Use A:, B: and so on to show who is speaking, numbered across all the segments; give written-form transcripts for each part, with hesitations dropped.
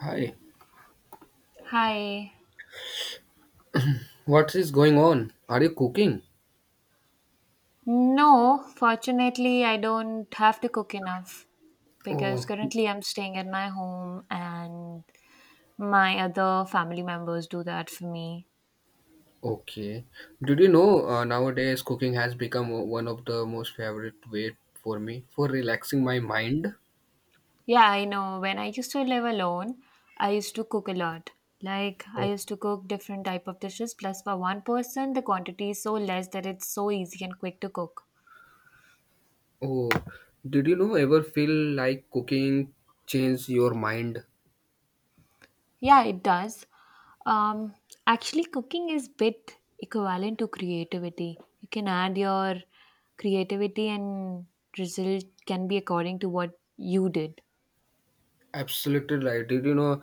A: Hi,
B: Hi.
A: what is going on? Are you cooking?
B: No, fortunately, I don't have to cook enough because
A: Oh,
B: currently I'm staying at my home and my other family members do that for me.
A: okay. Did you know nowadays cooking has become one of the most favorite way for me for relaxing my mind?
B: Yeah, I know. When I used to live alone, I used to cook a lot. Like I
A: Oh,
B: used to cook different type of dishes plus for one person the quantity is so less that it's so easy and quick to cook.
A: oh, did you know ever feel like cooking change your mind?
B: Yeah, it does. Um, Actually, cooking is bit equivalent to creativity. You can add your creativity, and result can be according to what you did.
A: Absolutely right. Did you know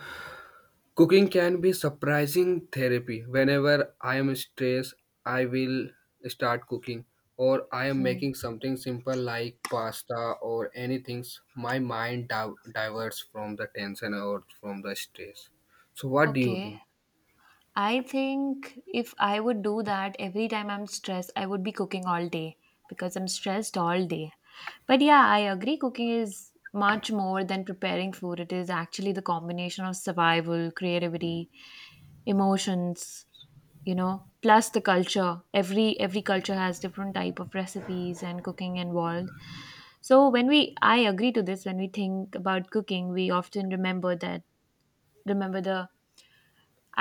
A: cooking can be surprising therapy. Whenever I am stressed, I will start cooking or I am making something simple like pasta or anything. My mind diverts from the tension or from the stress. So what do you
B: Okay,
A: think?
B: I think if I would do that every time I'm stressed, I would be cooking all day because I'm stressed all day. But yeah, I agree. Cooking is much more than preparing food. It is actually the combination of survival, creativity, emotions, you know plus the culture, every culture has different type of recipes and cooking involved. So when we, I agree to this, when we think about cooking we often remember that, remember the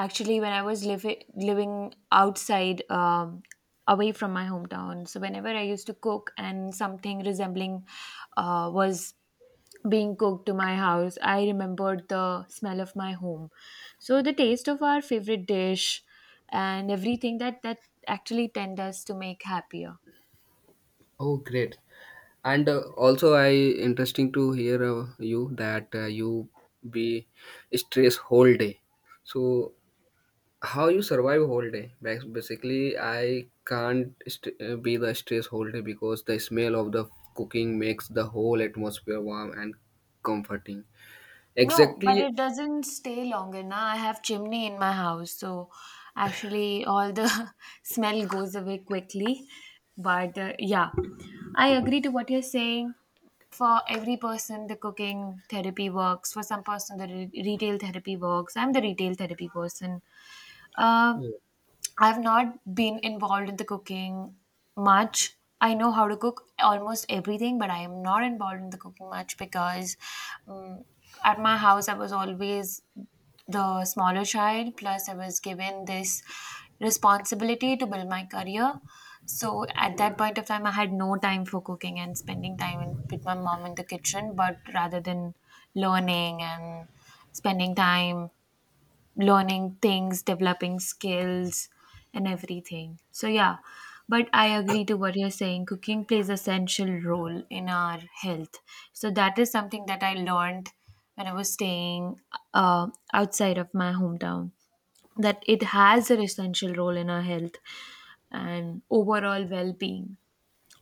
B: actually when I was living outside, away from my hometown. So whenever I used to cook and something resembling was being cooked to my house, I remembered the smell of my home. So the taste of our favorite dish and everything that actually tend us to make happier.
A: Oh, great. And also I interesting to hear you that you be stressed whole day. So how you survive whole day, basically I can't be the stress whole day because the smell of the cooking makes the whole atmosphere warm and comforting,
B: No, but
A: exactly.
B: it doesn't stay longer now. I have chimney in my house, so actually all the smell goes away quickly. But yeah, I agree to what you're saying. For every person the cooking therapy works, for some person the retail therapy works. I'm the retail therapy person. Uh. I've not been involved in the cooking much. I know how to cook almost everything, but I am not involved in the cooking much because um, at my house I was always the smaller child. Plus, I was given this responsibility to build my career. So at that point of time, I had no time for cooking and spending time in, with my mom in the kitchen, but rather than learning and spending time learning things, developing skills, and everything. So, yeah, but I agree to what you're saying. Cooking plays essential role in our health. So, that is something that I learned when I was staying outside of my hometown, that it has an essential role in our health and overall well being.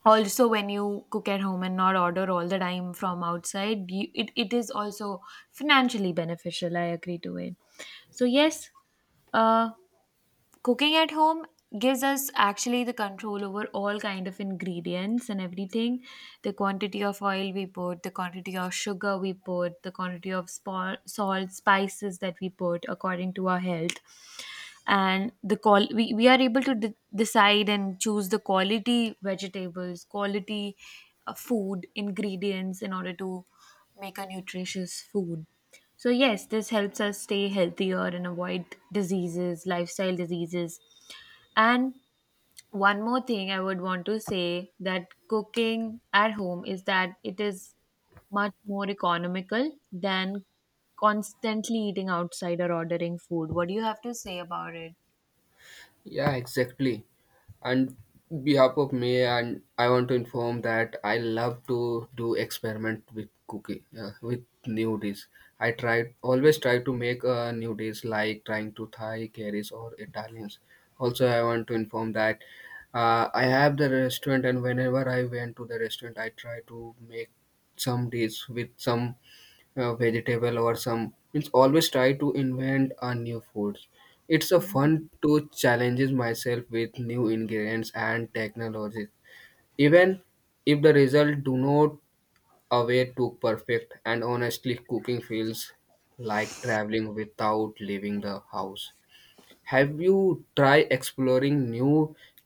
B: Also when you cook at home and not order all the time from outside you, it is also financially beneficial. I agree to it. So yes, uh cooking at home gives us actually the control over all kind of ingredients and everything, the quantity of oil we put, the quantity of sugar we put, the quantity of salt, spices that we put according to our health. And the call we are able to decide and choose the quality vegetables, quality food ingredients in order to make a nutritious food. So, yes, this helps us stay healthier and avoid diseases, lifestyle diseases. And one more thing I would want to say, that cooking at home, is that it is much more economical than constantly eating outside or ordering food. What do you have to say about it?
A: Yeah, exactly, and behalf of me, and I want to inform that I love to do experiment with cooking with new dish. I try always try to make a new dish, like trying to Thai curries or Italians. Also, I want to inform that I have the restaurant, and whenever I went to the restaurant, I try to make some dish with some vegetable or some, means, always try to invent a new foods. It's a fun to challenges myself with new ingredients and technologies, even if the result do not away to perfect, and honestly cooking feels like traveling without leaving the house. Have you tried exploring new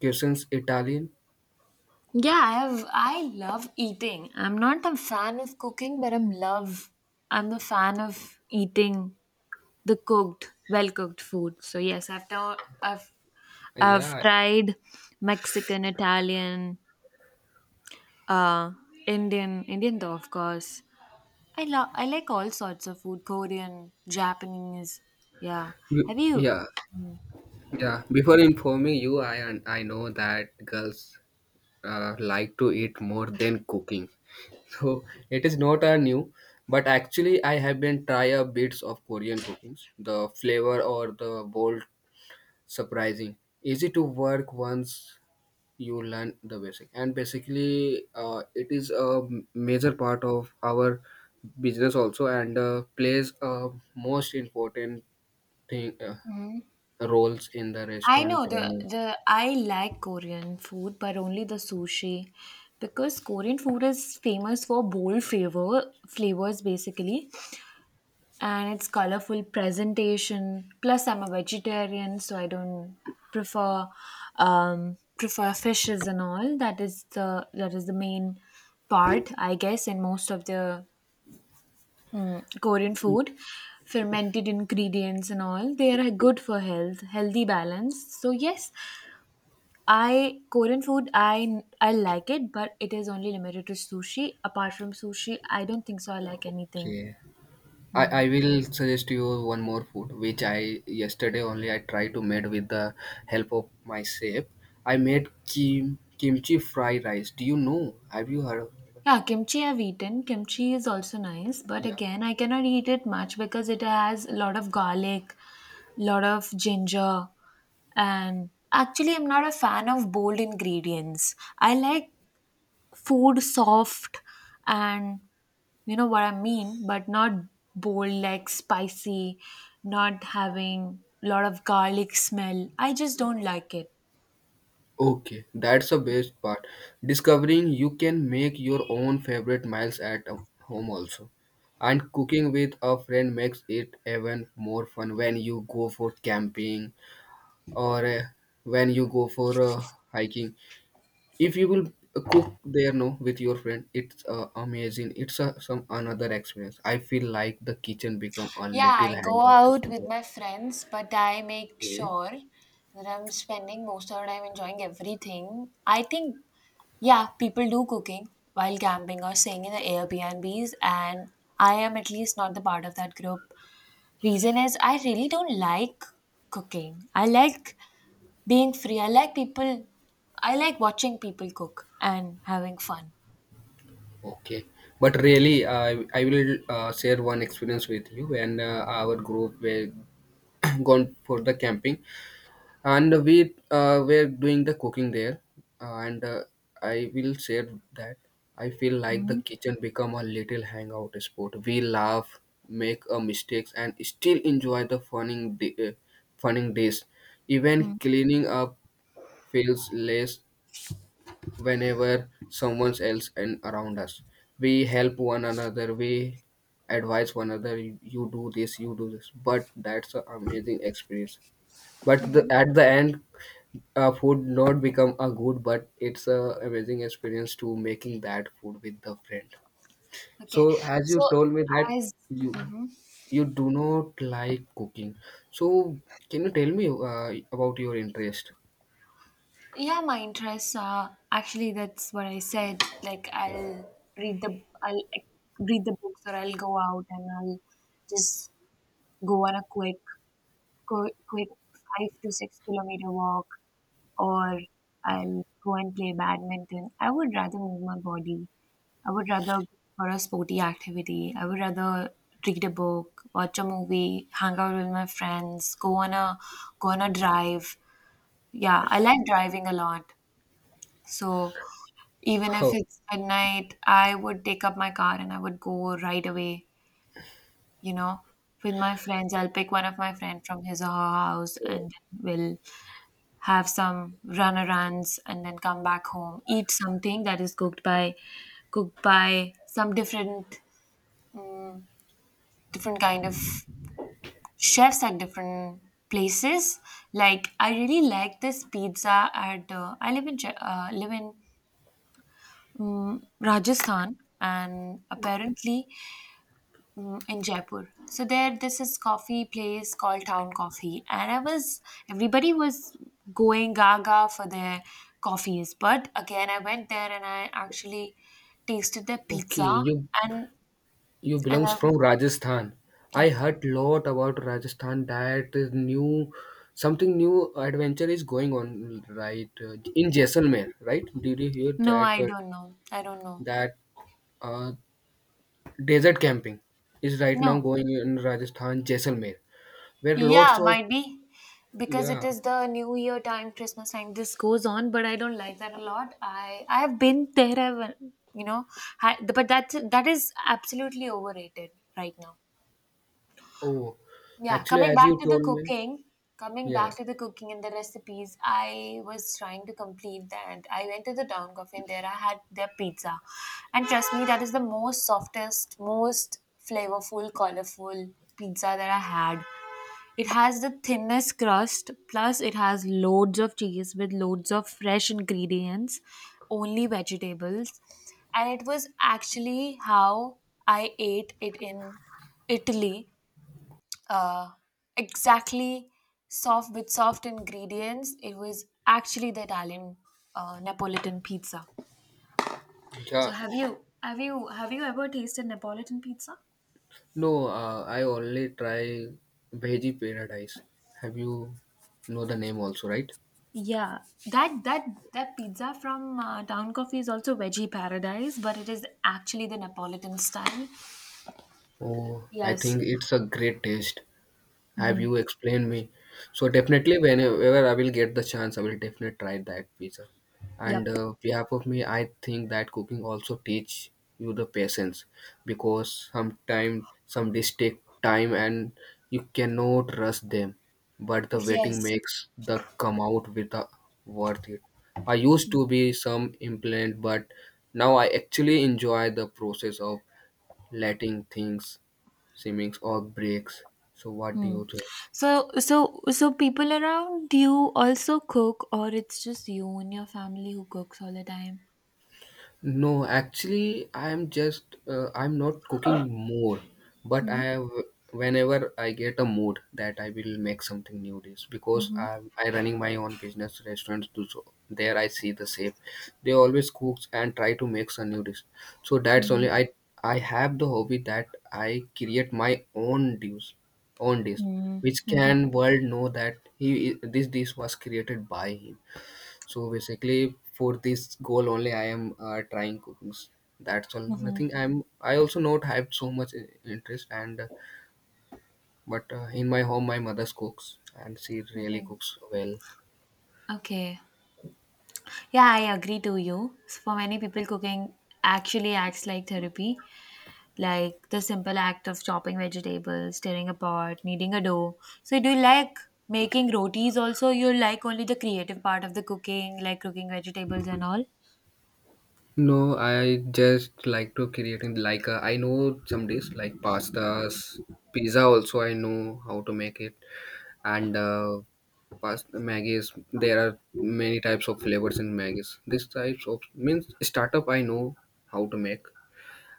A: cuisines, Italian?
B: Yeah, I have. I love eating. I'm not a fan of cooking, but I'm the fan of eating the cooked, well cooked food. So yes, I've now I've I've
A: Yeah.
B: tried Mexican, Italian, uh, Indian, Indian though, of course. I like all sorts of food, Korean, Japanese. Yeah. Have you?
A: Yeah, yeah, before informing you, I know that girls like to eat more than cooking. So it is not a new, but actually I have been try a bits of Korean cookings. The flavor or the bold surprising. Easy to work once you learn the basic. And basically, it is a major part of our business also, and plays a most important thing, roles in the
B: I
A: restaurant
B: know the
A: training.
B: the I like Korean food, but only the sushi because Korean food is famous for bold flavors basically. And it's colorful presentation. Plus, I'm a vegetarian, so I don't prefer, prefer fishes and all. That is the, that is the main part, I guess, in most of the, Korean food. Fermented ingredients and all, they are good for health, healthy balance. So yes, I Korean food I like it, but it is only limited to sushi. Apart from sushi, I don't think so. I like anything.
A: Okay. I,
B: Hmm.
A: I will suggest you one more food which I yesterday only I tried to made with the help of my chef. I made kimchi fried rice. Do you know? Have you heard of it?
B: Yeah, kimchi I've eaten. Kimchi is also nice, but
A: Yeah.
B: again, I cannot eat it much because it has a lot of garlic, lot of ginger, and actually, I'm not a fan of bold ingredients. I like food soft and you know what I mean, but not bold, like spicy, not having lot of garlic smell. I just don't like it.
A: Okay, that's the best part. Discovering you can make your own favorite meals at home also. And cooking with a friend makes it even more fun when you go for camping, or when you go for hiking. If you will cook there, no, with your friend, it's amazing. It's a, some another experience, I feel like the kitchen become a
B: Yeah,
A: little
B: I go
A: hangout
B: out with
A: spot.
B: my friends, but I make
A: Yeah.
B: sure that I'm spending most of the time enjoying everything. I think, yeah, people do cooking while camping or staying in the Airbnbs, and I am at least not the part of that group. Reason is I really don't like cooking. I like being free. I like people, I like watching people cook and having fun.
A: Okay, but really I will share one experience with you. When our group were gone for the camping, and we were doing the cooking there, and I will share that I feel like the kitchen become a little hangout spot. We laugh, make mistakes, and still enjoy the funning funning days. Even cleaning up feels less whenever someone else and around us, we help one another, we advise one another, you do this, you do this, but that's an amazing experience. But at the end, food not become a good, but it's a amazing experience to making that food with the friend. So
B: Okay,
A: as
B: so
A: you told me that,
B: as
A: you you do not like cooking, so can you tell me about your interest?
B: yeah, my interests are actually that's what I said. Like I'll read the I'll eh, read the books, or I'll go out and I'll just go on a quick, quick five to six kilometer walk, or I'll go and play badminton. I would rather move my body. I would rather go for a sporty activity. I would rather read a book, watch a movie, hang out with my friends, go on a drive. Yeah, I like driving a lot. So even if
A: Oh,
B: it's midnight, I would take up my car and I would go right away, you know, with my friends. I'll pick one of my friend from his or her house and we'll have some runarounds and then come back home, eat something that is cooked by some different, um, different kind of chefs at different places. Like I really like this pizza at I live in Je- live in, Rajasthan, and apparently, in Jaipur. So there, this is coffee place called Town Coffee, and I was everybody was going gaga for their coffees. But again, I went there and I actually tasted their
A: okay.
B: pizza,
A: you
B: and
A: you
B: and
A: belongs
B: I
A: from Rajasthan. I
B: yep.
A: heard lot about Rajasthan, that is new. Something new adventure is going on, right, in Jaisalmer, right? Did you hear
B: No, I
A: that
B: don't know. I don't know.
A: that uh, desert camping is right now
B: No,
A: going in Rajasthan, Jaisalmer, where lots
B: yeah,
A: of,
B: might be because it
A: yeah.
B: is the New Year time, Christmas time. This goes on, but I don't like that a lot. I have been there. I've, you know, I, but that is absolutely overrated right now.
A: Oh,
B: Yeah,
A: actually,
B: coming
A: as
B: back
A: you
B: to the
A: told me,
B: cooking, coming
A: yeah,
B: back to the cooking and the recipes. I was trying to complete that. I went to the town cafe and there I had their pizza, and trust me, that is the most softest, most flavorful, colorful pizza that I had. It has the thinnest crust, plus it has loads of cheese with loads of fresh ingredients, only vegetables. And it was actually how I ate it in Italy. Uh, exactly soft with soft ingredients. It was actually the Italian Neapolitan pizza. So
A: yeah.
B: have you ever tasted Neapolitan pizza?
A: No, I only try Veggie Paradise. Have you, know the name also, right?
B: Yeah, that that that pizza from Town Coffee is also veggie paradise, but it is actually the Napolitan style.
A: Oh, I
B: Yes.
A: think it's a great taste. Have you
B: Hmm.
A: explained me, so definitely whenever I will get the chance, I will definitely try that pizza. And
B: Yep.
A: behalf of me, I think that cooking also teach you the patience, because sometimes some dish take time and you cannot rush them, but the waiting
B: Yes.
A: makes the come out with the worth it. I used to be some implant, but now I actually enjoy the process of letting things simmings or breaks. So what do
B: Hmm.
A: you think?
B: So people around you also cook, or it's just you and your family who cooks all the time.
A: No, actually, I'm just I'm not cooking more, but
B: Mm-hmm.
A: I have, whenever I get a mood that I will make something new dish, because
B: Mm-hmm.
A: I'm I running my own business restaurants too. So there I see the chef, they always cooks and try to make some new dish. So that's
B: Mm-hmm.
A: only, I have the hobby that I create my own dish, which
B: Mm-hmm.
A: can world know that he this dish was created by him. So basically, for this goal only, I am trying cookings. That's all.
B: Mm-hmm.
A: Nothing. I'm. I also not have so much interest, and but in my home, my mother cooks, and she really cooks well.
B: Okay. Yeah, I agree to you. So for many people, cooking actually acts like therapy, like the simple act of chopping vegetables, stirring a pot, kneading a dough. So do you like making rotis also? You like only the creative part of the cooking, like cooking vegetables and all?
A: No, I just like to creating, like I know some dish like pastas, pizza. Also, I know how to make it, and pasta Maggie's. There are many types of flavors in Maggie's. This types of, means, startup. I know how to make.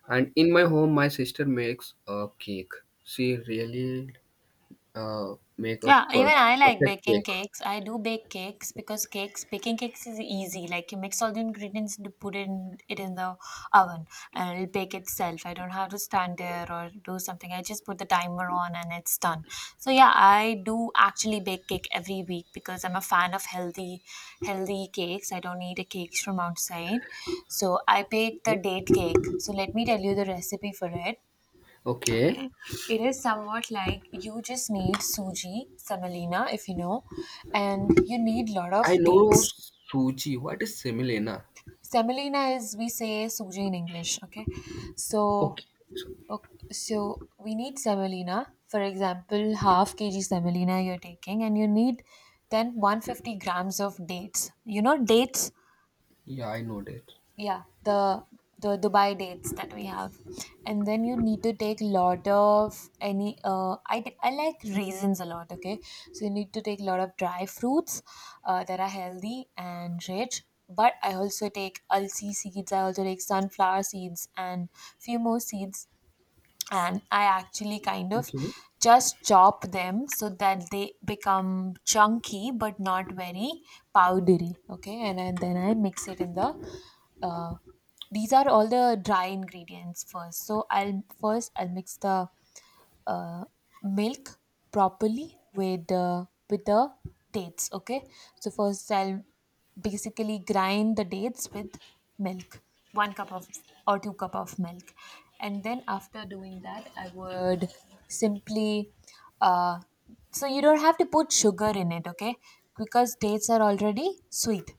A: And in my home, my sister makes a cake. She really make a
B: Yeah, even I like
A: perfect
B: baking
A: cake.
B: cakes. I do bake cakes because cakes, baking cakes is easy. Like you mix all the ingredients and put in it in the oven and it'll bake itself. I don't have to stand there or do something. I just put the timer on and it's done. So yeah, I do actually bake cake every week because I'm a fan of healthy, healthy cakes. I don't need a cakes from outside. So I bake the date cake. So let me tell you the recipe for it.
A: Okay.
B: It is somewhat like you just need suji, semolina, if you know, and you need lot
A: I
B: of
A: know
B: dates.
A: Suji. What is semolina?
B: Semolina is we say suji in English, okay? So,
A: Okay. So,
B: so we need semolina. For example, half kg semolina you're taking, and you need then 150 grams of dates. You know dates?
A: yeah, I know that.
B: Yeah, the Dubai dates that we have, and then you need to take lot of any, I like raisins a lot, okay? So you need to take a lot of dry fruits, that are healthy and rich. But I also take alsi seeds, I also take sunflower seeds and few more seeds, and I actually kind of
A: Okay.
B: just chop them so that they become chunky but not very powdery. Okay, and then I mix it in the. Uh, these are all the dry ingredients first. So I'll first I'll mix the uh, milk properly with the dates. Okay, so first I'll basically grind the dates with milk, one cup of or two cup of milk. And then after doing that, I would simply, uh, so you don't have to put sugar in it, okay, because dates are already sweet.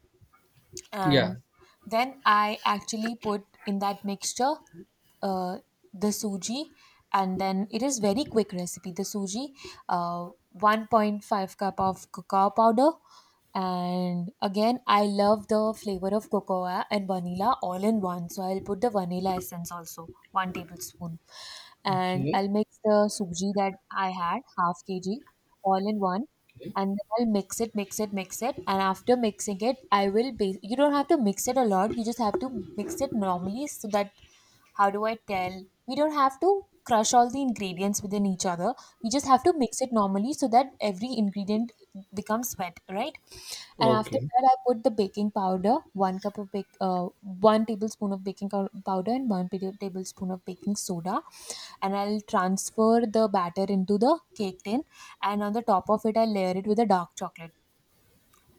A: Yeah.
B: And then I actually put in that mixture, uh, the suji, and then it is very quick recipe. The suji, uh, 1.5 cup of cocoa powder, and again I love the flavor of cocoa and vanilla all in one. So I'll put the vanilla essence also, one tablespoon, and
A: Okay.
B: I'll mix the suji that I had, half kg, all in one.
A: Okay.
B: And then I'll mix it, mix it, mix it, and after mixing it, I will base. You don't have to mix it a lot. You just have to mix it normally so that, how do I tell? We don't have to crush all the ingredients within each other. We just have to mix it normally so that every ingredient becomes wet, right? And after
A: Okay.
B: that, I put the baking powder, one cup of bake, one tablespoon of baking powder and one tablespoon of baking soda, and I'll transfer the batter into the cake tin, and on the top of it I layer it with a dark chocolate,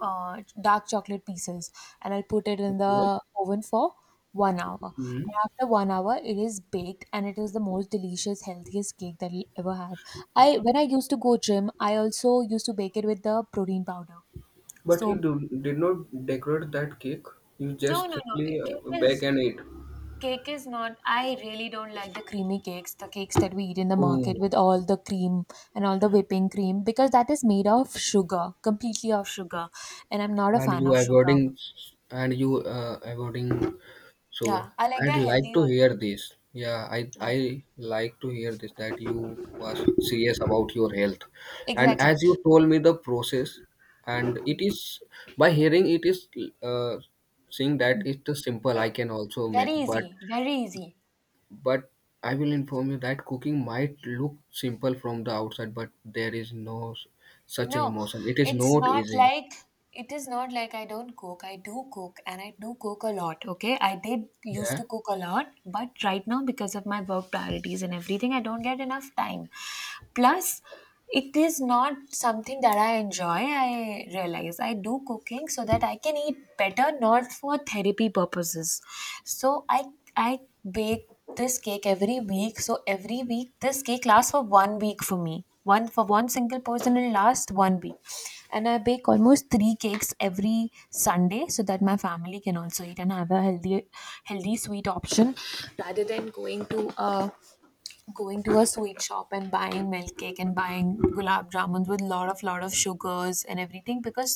B: dark chocolate pieces. And I'll put it in
A: Okay.
B: the oven for 1 hour.
A: Hmm.
B: And after 1 hour, it is baked and it is the most delicious, healthiest cake that you'll ever have. I when I used to go gym, I also used to bake it with the protein powder.
A: But you
B: So
A: did not decorate that cake. You
B: no,
A: just
B: no, no.
A: simply
B: Cake
A: bake
B: is
A: and eat.
B: cake is not. I really don't like the creamy cakes, the cakes that we eat in the market
A: Oh,
B: with all the cream and all the whipping cream, because that is made of sugar, completely of sugar, and I'm not a
A: and
B: fan
A: you
B: of sugar.
A: avoiding, and you avoiding sugar.
B: Yeah, I like
A: I'd
B: the
A: like
B: healthy
A: to
B: one.
A: hear this. Yeah, I
B: Ah,
A: I like to hear this, that you was serious about your health. And
B: exactly.
A: as you told me the process, and it is, by hearing it is, uh, seeing that it's simple, I can also
B: Very
A: make, but
B: easy, very easy.
A: but I will inform you that cooking might look simple from the outside, but there is no such a
B: No,
A: emotion. It is
B: it's
A: not
B: not
A: easy.
B: like it is not like I don't cook. I do cook and I do cook a lot. Okay. I did used to
A: Yeah.
B: cook a lot, but right now, because of my work priorities and everything, I don't get enough time. Plus, it is not something that I enjoy. I realize I do cooking so that I can eat better, not for therapy purposes. So I bake this cake every week. So every week this cake lasts for 1 week for me, one for one single person will last 1 week. And I bake almost 3 cakes every Sunday so that my family can also eat and have a healthy, healthy sweet option rather than going to a sweet shop and buying milk cake and buying gulab jamuns with lot of sugars and everything, because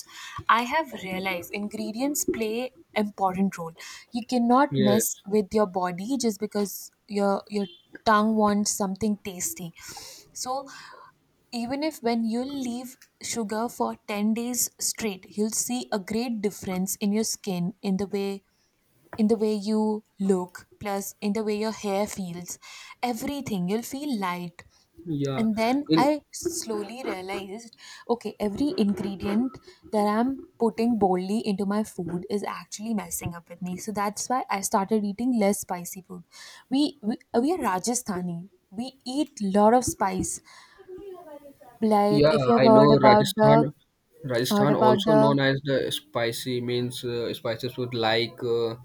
B: I have realized ingredients play important role. You cannot mess
A: Yes.
B: with your body just because your tongue wants something tasty. So even if when you leave sugar for 10 days straight, you'll see a great difference in your skin, in the way, in the way you look, plus in the way your hair feels, everything, you'll feel light.
A: Yeah.
B: And then
A: In,
B: I slowly realized, okay, every ingredient that I'm putting boldly into my food is actually messing up with me. So that's why I started eating less spicy food. We are Rajasthani, we eat lot of spice. Like
A: yeah,
B: if you've
A: I know
B: heard about the
A: Rajasthan.
B: heard
A: Rajasthan,
B: about
A: also
B: the
A: known as the spicy, means spicy food, like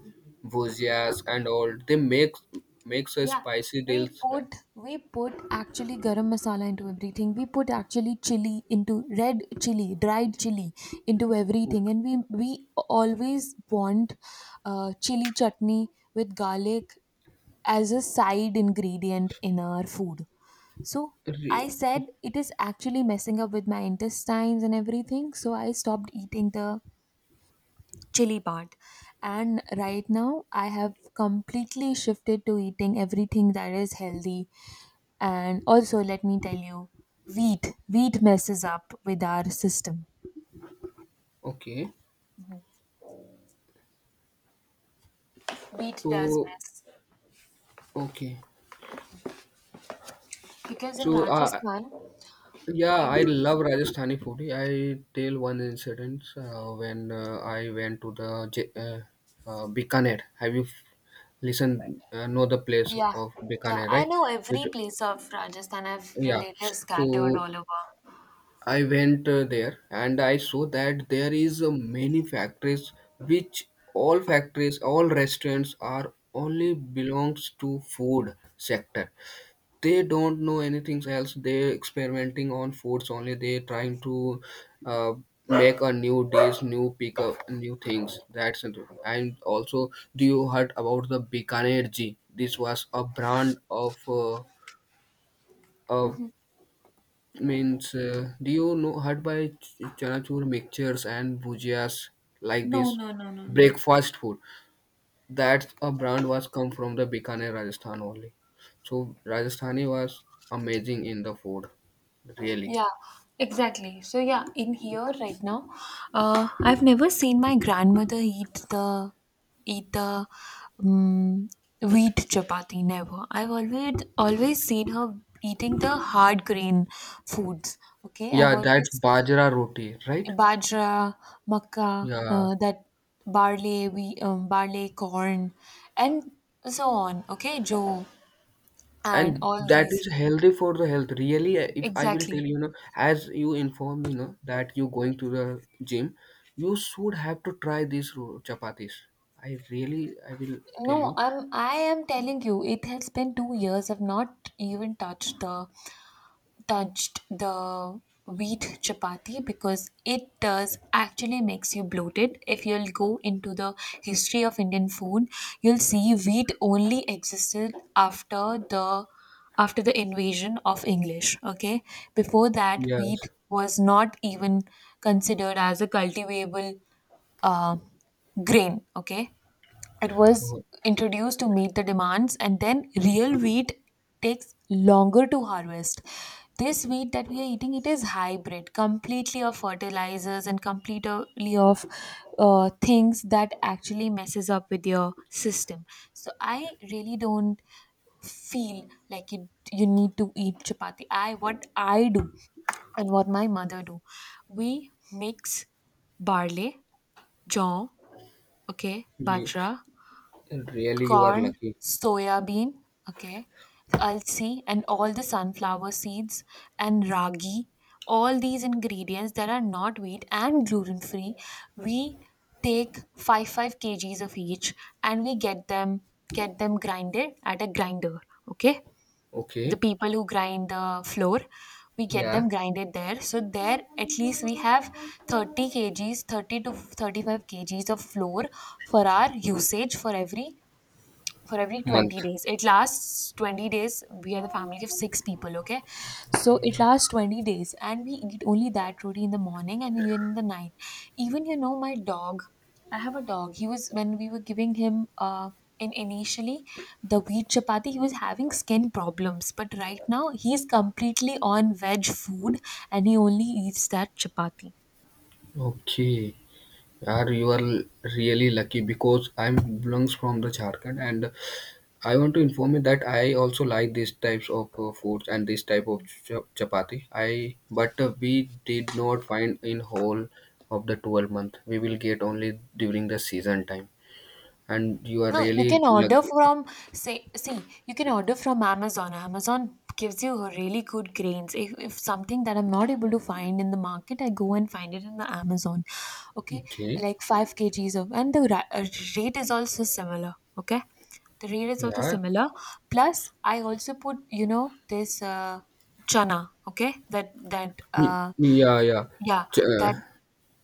A: bhujias and all. They makes a
B: yeah,
A: spicy
B: we
A: deals, right?
B: put we put actually garam masala into everything. We put actually chili, into red chili, dried chili into everything, and we always want, chili chutney with garlic as a side ingredient in our food. So I
A: Okay.
B: said it is actually messing up with my intestines and everything. So I stopped eating the chili part. And right now I have completely shifted to eating everything that is healthy. And also let me tell you, wheat messes up with our system.
A: Okay.
B: Wheat does
A: So,
B: mess
A: okay.
B: because in
A: So
B: Rajasthan,
A: yeah,
B: in,
A: I love Rajasthani food. I tell one incident when I went to the Bikaner. Have you listened? Know the place
B: yeah,
A: of
B: yeah,
A: Bikaner,
B: I
A: right?
B: know
A: It
B: every place of Rajasthan, I have
A: Yeah,
B: relatives scattered
A: so
B: all over.
A: I went there and I saw that there is many factories which, all factories, all restaurants, are only belongs to food sector. They don't know anything else. They experimenting on foods only. They trying to uh, make a new dish, new pick up, new things. That's it. And also, do you heard about the Bikaner G? This was a brand of a, means, do you know, heard by chanachur mixtures and bhujias, like
B: No,
A: this
B: no, no, no, no.
A: breakfast food? That a brand was come from the Bikaner, Rajasthan only. So Rajasthani was amazing in the food, really.
B: Yeah, exactly. So yeah, in here right now, I've never seen my grandmother eat the um, wheat chapati. Never. I've always, always seen her eating the hard grain foods. Okay, I've
A: Yeah, that
B: always
A: bajra roti, right?
B: bajra, makkah,
A: Yeah.
B: that barley, we barley, corn, and so on. Okay, joe, and
A: And
B: all
A: that
B: these.
A: is healthy for the health. Really, if I will tell
B: Exactly.
A: you, you know, as you inform me, you know, that you going to the gym, you should have to try these chapatis. I will tell
B: No,
A: you.
B: I am telling you, it has been 2 years. I've not even touched the wheat chapati because it does actually makes you bloated. If you'll go into the history of Indian food, you'll see wheat only existed after the, after the invasion of English. Okay. Before that, wheat
A: Yes.
B: was not even considered as a cultivable, uh, grain. Okay. It was
A: Oh,
B: introduced to meet the demands, and then real wheat takes longer to harvest. This wheat that we are eating, it is hybrid, completely of fertilizers and completely of, things that actually messes up with your system. So I really don't feel like you need to eat chapati. I, what I do and what my mother do, we mix barley, jaw, okay,
A: you,
B: bajra,
A: really, you are
B: corn,
A: lucky.
B: soya bean, okay, alsi, and all the sunflower seeds and ragi. All these ingredients that are not wheat and gluten free, we take 5 kgs of each and we get them grinded at a grinder, okay, the
A: Okay.
B: people who grind the flour, we get
A: Yeah.
B: them grinded there. So there at least we have 30 kgs, 30 to 35 kgs of flour for our usage, for every, for every 20
A: Month.
B: days, it lasts 20 days. We are the family of 6 people, okay, so it lasts 20 days. And we eat only that roti in the morning and even in the night. Even, you know, my dog, I have a dog, he was when we were giving him in initially the wheat chapati, he was having skin problems. But right now he's completely on veg food, and he only eats that chapati.
A: Okay. Yaar, you are really lucky, because I'm belongs from the Jharkhand, and I want to inform you that I also like these types of foods and this type of chapati. I But we did not find in whole of the 12 month. We will get only during the season time, and you are
B: No, you
A: really
B: can order
A: lucky.
B: from, say, see, you can order from Amazon. Amazon gives you a really good grains. If something that I'm not able to find in the market, I go and find it in the Amazon. Okay,
A: Okay,
B: like 5 kgs of, and the rate is also similar. Okay, the rate is also
A: yeah.
B: similar. Plus, I also put, you know, this chana. Okay, that that uh
A: Yeah, yeah.
B: yeah,
A: Ch- uh,
B: that,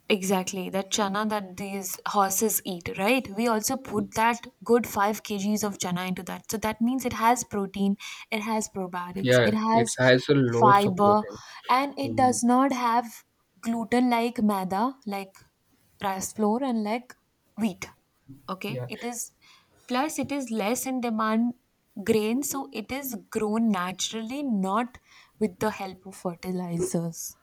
B: exactly, that chana that these horses eat, right? We also put that good 5 kgs of chana into that. So that means it has protein, it has probiotics, it
A: yeah. It
B: has
A: has a lots of
B: fiber,
A: protein.
B: and it does
A: Mm,
B: not have gluten like maida, like rice flour, and like wheat. Okay,
A: yeah.
B: it is, plus it is less in demand grain, so it is grown naturally, not with the help of fertilizers.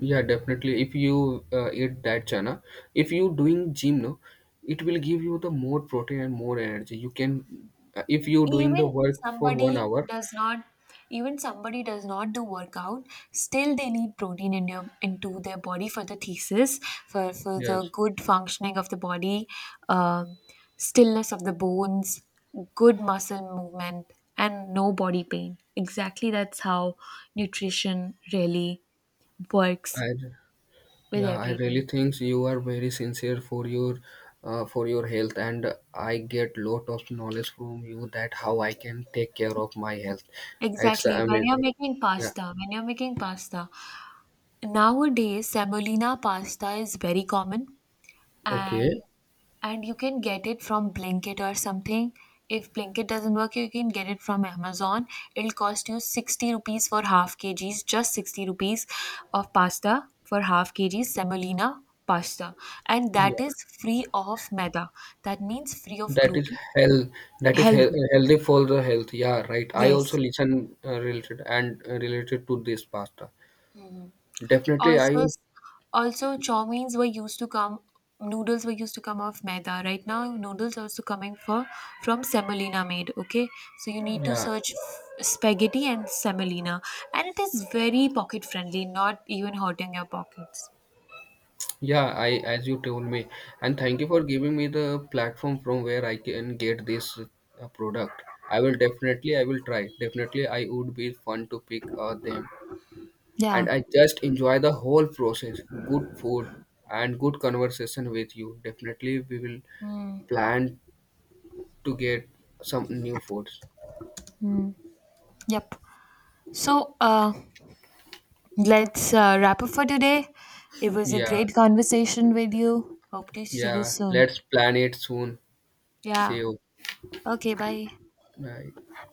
A: Yeah, definitely. If you eat that chana, if you doing gym, no, it will give you the more protein and more energy. You can, if you doing the
B: even
A: work for one
B: somebody
A: hour,
B: does not even somebody does not do workout, still they need protein in your into their body for the thesis, for the
A: yes.
B: good functioning of the body, um, stillness of the bones, good muscle movement, and no body pain. Exactly, that's how nutrition really works
A: I
B: with
A: Yeah, I
B: everything.
A: really think you are very sincere for your health, and I get lot of knowledge from you that how I can take care of my health. It's
B: Exactly,
A: amazing. Yeah.
B: when you're making pasta, nowadays semolina pasta is very common. and
A: Okay.
B: and you can get it from Blinkit or something. If Blinkit doesn't work, you can get it from Amazon. It'll cost you 60 rupees for half kgs, just 60 rupees of pasta for half kgs, semolina pasta. And that
A: Yeah.
B: is free of maida. That means free of
A: That is
B: gluten.
A: health. That is
B: Healthy.
A: healthy for the health. Yeah, right. I
B: Yes.
A: also listen related, and related to this pasta. Definitely,
B: Also, also chow meins were used to come, noodles were used to come off maida. Right now, noodles are also coming for, from semolina made. Okay, so you need to
A: yeah,
B: search spaghetti and semolina, and it is very pocket friendly, not even hurting your pockets.
A: yeah. I As you told me, and thank you for giving me the platform from where I can get this product. I will try. Definitely, I would be fun to pick them,
B: Yeah.
A: and I just enjoy the whole process. Good food and good conversation with you. Definitely, we will plan to get some new foods.
B: Yep. So, let's wrap up for today. It was a
A: Yeah,
B: great conversation with you. Hope to see you
A: yeah.
B: soon.
A: Let's plan it soon. See
B: Yeah.
A: you.
B: Okay. Bye.
A: Bye.